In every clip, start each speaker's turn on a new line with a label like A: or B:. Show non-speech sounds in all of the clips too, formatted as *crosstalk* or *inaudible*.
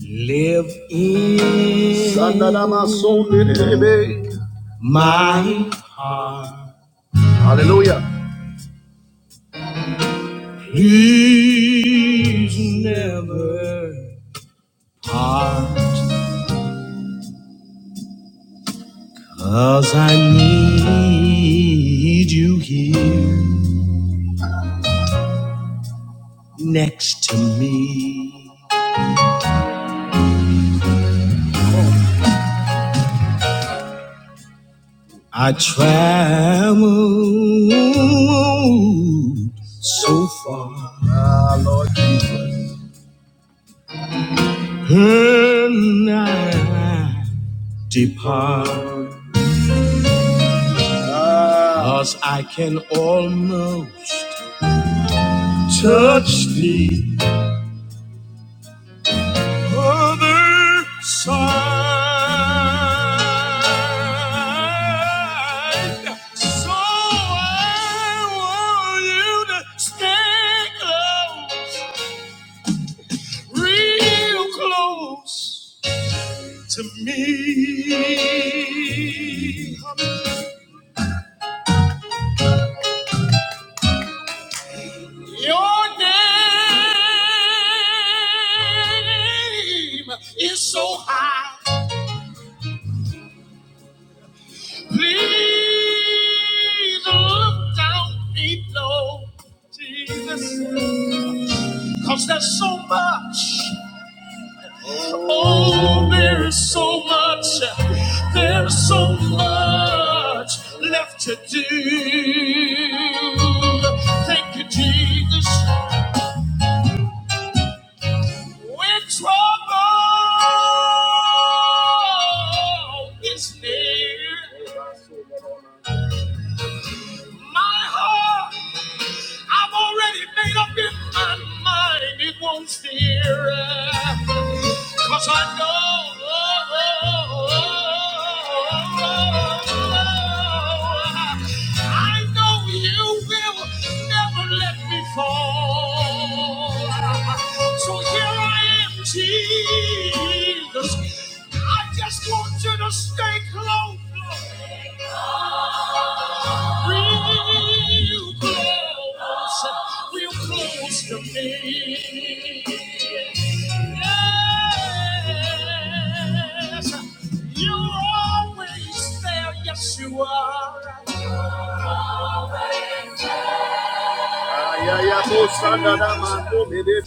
A: Live in my heart. Hallelujah. He's never hard. Cause I need you here next to me. I traveled so far. And I depart, cause I can almost touch the other side. So I want you to stay close, real close to me. Your name is so high. Please look down below, Jesus. Cause there's so much. Oh, there is so much. There's so much left to do. Thank you, Jesus. When trouble is near my heart, I've already made up in my mind it won't fear. Cause I know, I know you will never let me fall. So here I am, Jesus. I just want you to stay close. Real close, real close to me. Yes, you're always there. Yes, you are. Ay, ay, ay, oh, Sanda, da, ma, oh, me, de,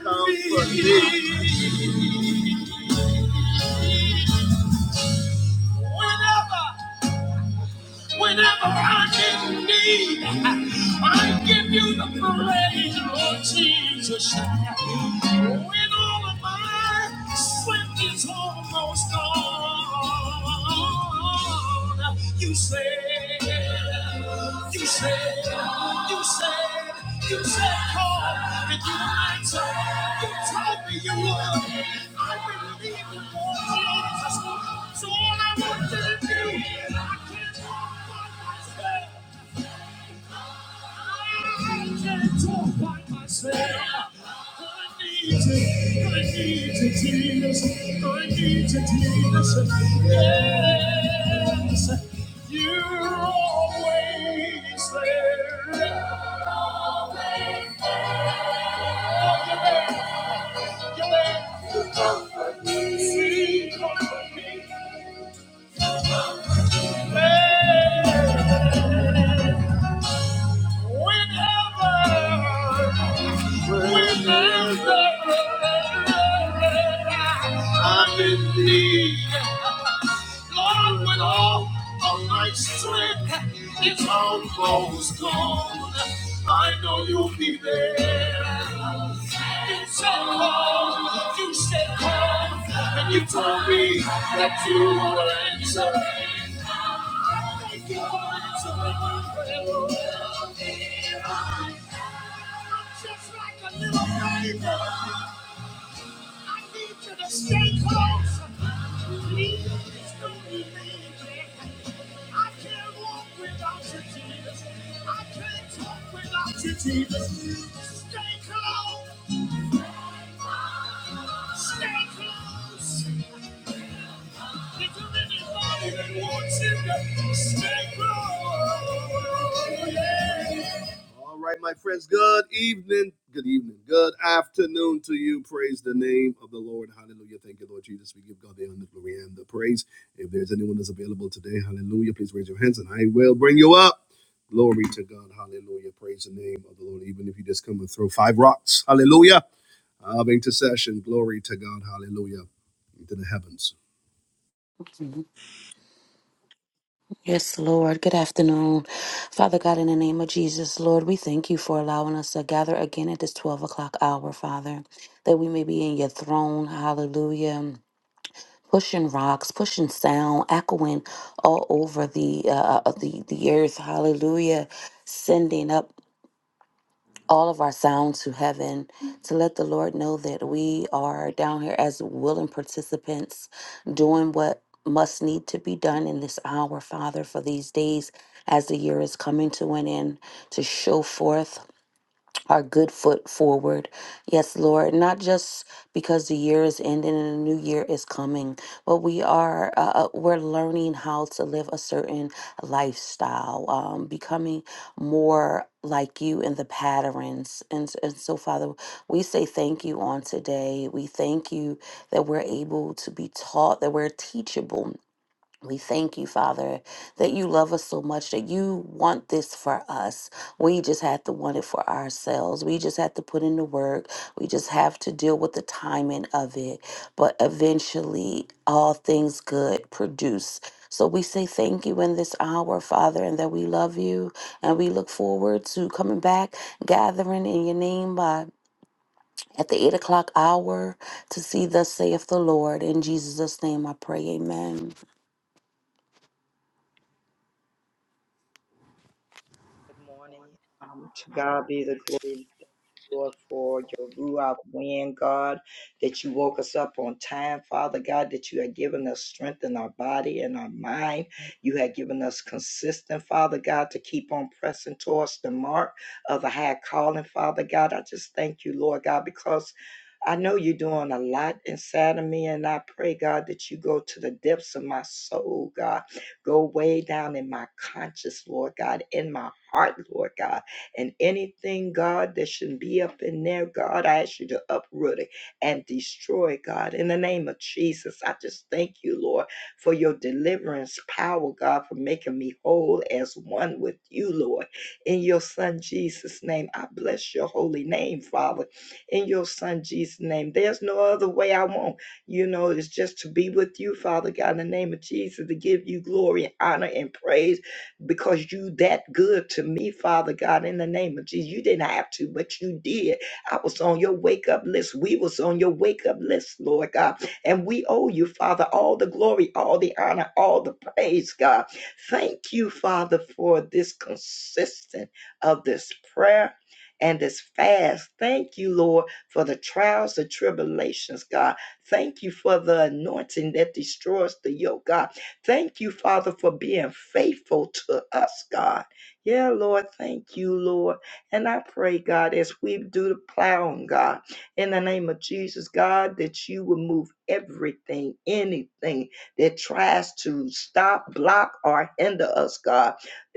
A: comfort me. Whenever. whenever I am in need. I give you the praise, Lord Jesus. When all of my strength is almost gone, you said, you said, you said, you said, call and you answered. You told me you would. I believe you, Lord Jesus. So all I Yes, you're always there. You're there. You comfort me. You comfort me. Hallelujah. Lord, when all of my strength is almost gone, I know you'll be there. You said call, you said call, and you told me that you would answer. Thank you for answering my prayer, Lord. Just like a little baby. I need you to stay close. Please don't leave me I can't walk without you, Jesus. I can't talk without you, Jesus. Stay close. Stay close really Yeah. All right, my friends, good evening, good evening, good afternoon to you. Praise the name of the Lord. Hallelujah. Thank you, Lord Jesus. We give God the honor, glory, and the praise. If there's anyone that's available today, hallelujah, please raise your hands and I will bring you up. Glory to God. Hallelujah. Praise the name of the Lord. Even if you just come and throw five rocks, hallelujah, of intercession. Glory to God. Hallelujah. Into the heavens.
B: Yes, Lord. Good afternoon. Father God, in the name of Jesus, Lord, we thank you for allowing us to gather again at this 12 o'clock hour, Father, that we may be in your throne. Hallelujah. Pushing rocks, pushing sound, echoing all over the uh, uh, the the earth. Hallelujah, sending up all of our sound to heaven to let the Lord know that we are down here as willing participants doing what must need to be done in this hour, Father, for these days as the year is coming to an end to show forth our good foot forward. Yes, Lord, not just because the year is ending and a new year is coming, but we are uh, uh, we're learning how to live a certain lifestyle, um, becoming more like you in the patterns. And, s- and so, Father, we say thank you on today. We thank you that we're able to be taught, that we're teachable we thank you, Father, that you love us so much that you want this for us. We just have to want it for ourselves. We just have to put in the work. We just have to deal with the timing of it. But eventually, all things good produce. So we say thank you in this hour, Father, and that we love you. And we look forward to coming back, gathering in your name by. At the eight o'clock hour to see thus saith the Lord. In Jesus' name I pray, amen.
C: Good morning. Um, to God be the glory and thank you, Lord, for your Ruach wind, God, that you woke us up on time, Father God, that you had given us strength in our body and our mind. You had given us consistent, Father God, to keep on pressing towards the mark of the high calling, Father God. I just thank you, Lord God, because I know you're doing a lot inside of me, and I pray, God, that you go to the depths of my soul, God. Go way down in my conscious, Lord God, in my heart, Lord God. And anything, God, that shouldn't be up in there, God, I ask you to uproot it and destroy, God. In the name of Jesus, I just thank you, Lord, for your deliverance power, God, for making me whole as one with you, Lord. In your Son Jesus' name, I bless your holy name, Father. In your Son Jesus' name, there's no other way I want. You know, it's just to be with you, Father God, in the name of Jesus, to give you glory, honor, and praise because you that good to me, Father God, in the name of Jesus. You didn't have to, but you did. I was on your wake up list. We was on your wake up list, Lord God. And we owe you, Father, all the glory, all the honor, all the praise, God. Thank you, Father, for this consistent of this prayer and this fast. Thank you, Lord, for the trials, the tribulations, God. Thank you for the anointing that destroys the yoke, God. Thank you, Father, for being faithful to us, God. Yeah, Lord, thank you, Lord. And I pray, God, as we do the plowing, God, in the name of Jesus, God, that you will move everything, anything that tries to stop, block, or hinder us, God,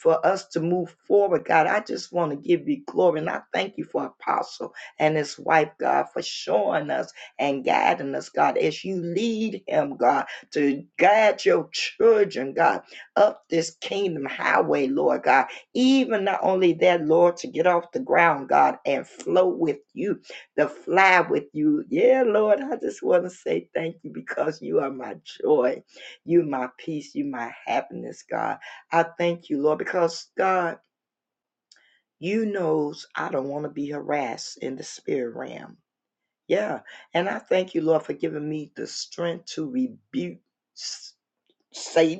C: for us to move forward, God. I just want to give you glory. And I thank you for Apostle and his wife, God, for showing us and guiding us, God, as you lead him, God to guide your children, God, up this kingdom highway, Lord God. Even not only that, Lord, to get off the ground, God, and flow with you, to fly with you. Yeah, Lord, I just want to say thank you because you are my joy. You my peace. You my happiness, God. I thank you, Lord, because God, you knows I don't want to be harassed in the spirit realm. Yeah. And I thank you, Lord, for giving me the strength to rebuke Satan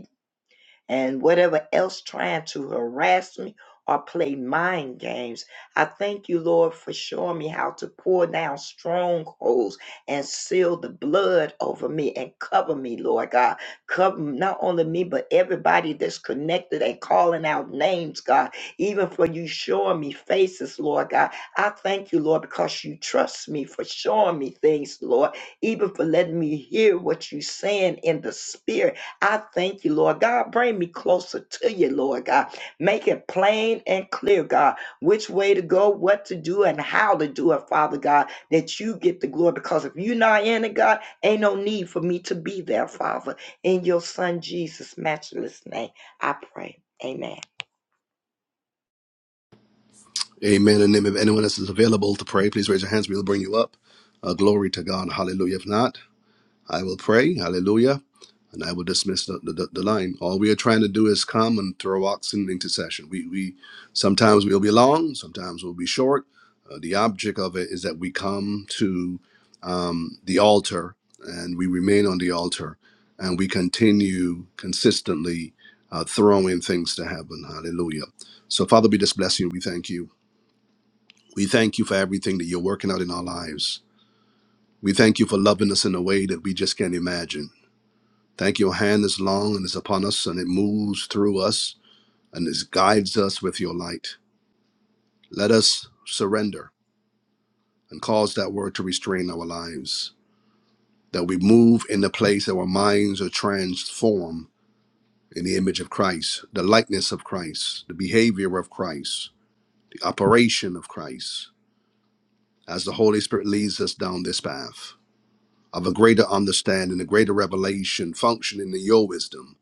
C: and whatever else trying to harass me or play mind games. I thank you, Lord, for showing me how to pour down strongholds and seal the blood over me and cover me, Lord God. Cover not only me, but everybody that's connected and calling out names, God. Even for you showing me faces, Lord God. I thank you, Lord, because you trust me for showing me things, Lord. Even for letting me hear what you're saying in the spirit I thank you, Lord God. Bring me closer to you, Lord God. Make it plain and clear, God, which way to go, what to do, and how to do it, Father God, that you get the glory. Because if you're not in it, God, ain't no need for me to be there, Father. In your Son Jesus' matchless name, I pray. Amen.
A: Amen. And if anyone else is available to pray, please raise your hands. We'll bring you up. Uh, glory to God. Hallelujah. If not, I will pray. Hallelujah. And I will dismiss the, the, the line. All we are trying to do is come and throw ox in intercession. We, we sometimes we'll be long, sometimes we'll be short. Uh, the object of it is that we come to um, the altar and we remain on the altar and we continue consistently uh, throwing things to heaven. Hallelujah. So, Father, we just bless you. We thank you. We thank you for everything that you're working out in our lives. We thank you for loving us in a way that we just can't imagine. Thank you, your hand is long and is upon us, and it moves through us and it guides us with your light. Let us surrender and cause that word to restrain our lives, that we move in the place that our minds are transformed in the image of Christ, the likeness of Christ, the behavior of Christ, the operation of Christ, as the Holy Spirit leads us down this path. of a greater understanding, a greater revelation, functioning in your wisdom.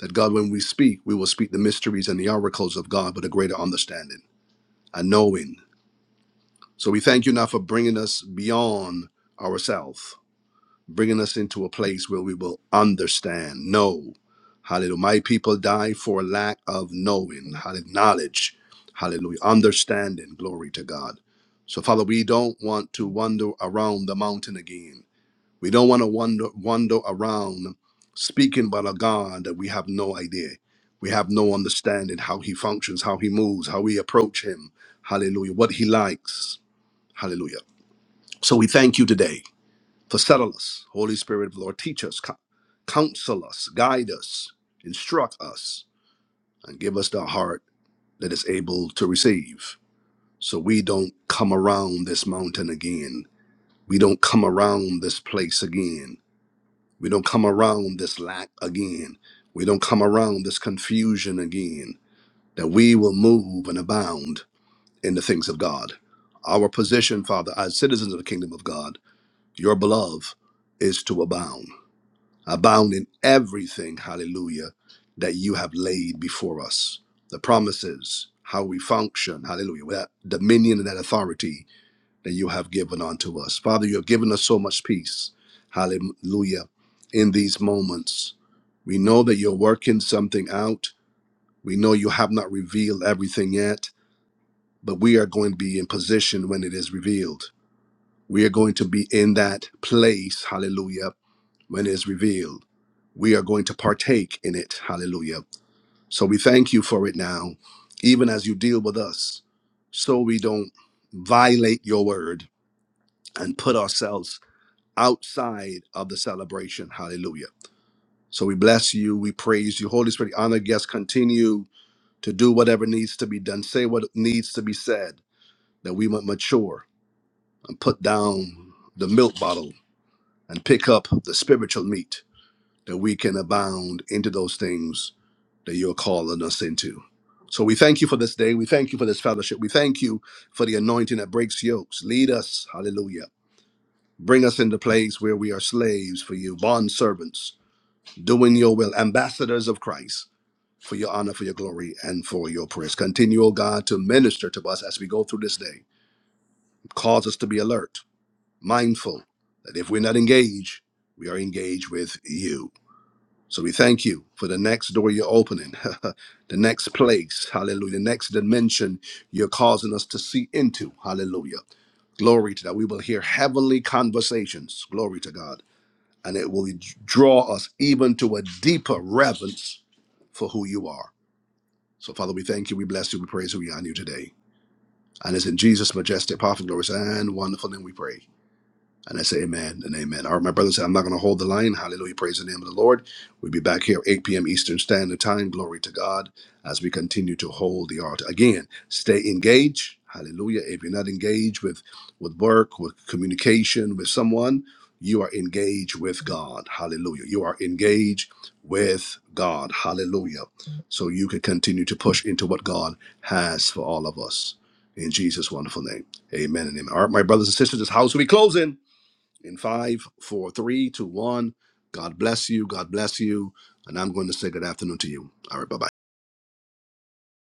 A: That God, when we speak, we will speak the mysteries and the oracles of God with a greater understanding, a knowing. So we thank you now for bringing us beyond ourselves, bringing us into a place where we will understand, know. Hallelujah. My people die for lack of knowing, hallelujah, knowledge, hallelujah, understanding. Glory to God. So, Father, we don't want to wander around the mountain again. We don't want to wander, wander around speaking about a God that we have no idea. We have no understanding how he functions, how he moves, how we approach him. Hallelujah. What he likes. Hallelujah. So we thank you today for settle us. Holy Spirit, of the Lord, teach us, co- counsel us, guide us, instruct us, and give us the heart that is able to receive. So we don't come around this mountain again. We don't come around this place again We don't come around this lack again. We don't come around this confusion again. That we will move and abound in the things of God. Our position, Father, as citizens of the kingdom of God, your beloved, is to abound. Abound in everything, hallelujah, that you have laid before us. The promises, how we function, hallelujah, with that dominion and that authority that you have given unto us. Father, you have given us so much peace. Hallelujah. In these moments, we know that you're working something out. We know you have not revealed everything yet, but we are going to be in position when it is revealed. We are going to be in that place, hallelujah, when it is revealed. We are going to partake in it, hallelujah. So we thank you for it now, even as you deal with us, so we don't violate your word and put ourselves outside of the celebration. Hallelujah. So we bless you. We praise you. Holy Spirit, honor guests. Continue to do whatever needs to be done. Say what needs to be said that we might mature and put down the milk bottle and pick up the spiritual meat that we can abound into those things that you're calling us into. So we thank you for this day. We thank you for this fellowship. We thank you for the anointing that breaks yokes. Lead us. Hallelujah. Bring us into place where we are slaves for you, bond servants doing your will, ambassadors of Christ, for your honor, for your glory, and for your praise. Continue, O God, to minister to us as we go through this day. Cause us to be alert, mindful that if we're not engaged, we are engaged with you. So we thank you for the next door you're opening, *laughs* the next place, hallelujah, the next dimension you're causing us to see into, hallelujah. Glory to that. We will hear heavenly conversations, glory to God, and it will draw us even to a deeper reverence for who you are. So, Father, we thank you, we bless you, we praise you, we honor you today. And it's in Jesus' majestic, powerful, glorious, and wonderful name we pray. And I say amen and amen. All right, my brothers, I'm not going to hold the line. Hallelujah. Praise the name of the Lord. We'll be back here 8 p.m. Eastern Standard Time. Glory to God as we continue to hold the altar. Again, stay engaged. Hallelujah. If you're not engaged with, with work, with communication, with someone, you are engaged with God. Hallelujah. You are engaged with God. Hallelujah. So you can continue to push into what God has for all of us. In Jesus' wonderful name. Amen and amen. All right, my brothers and sisters, this house will be closing in five, four, three, two, one. God bless you. God bless you. And I'm going to say good afternoon to you. All right. Bye bye.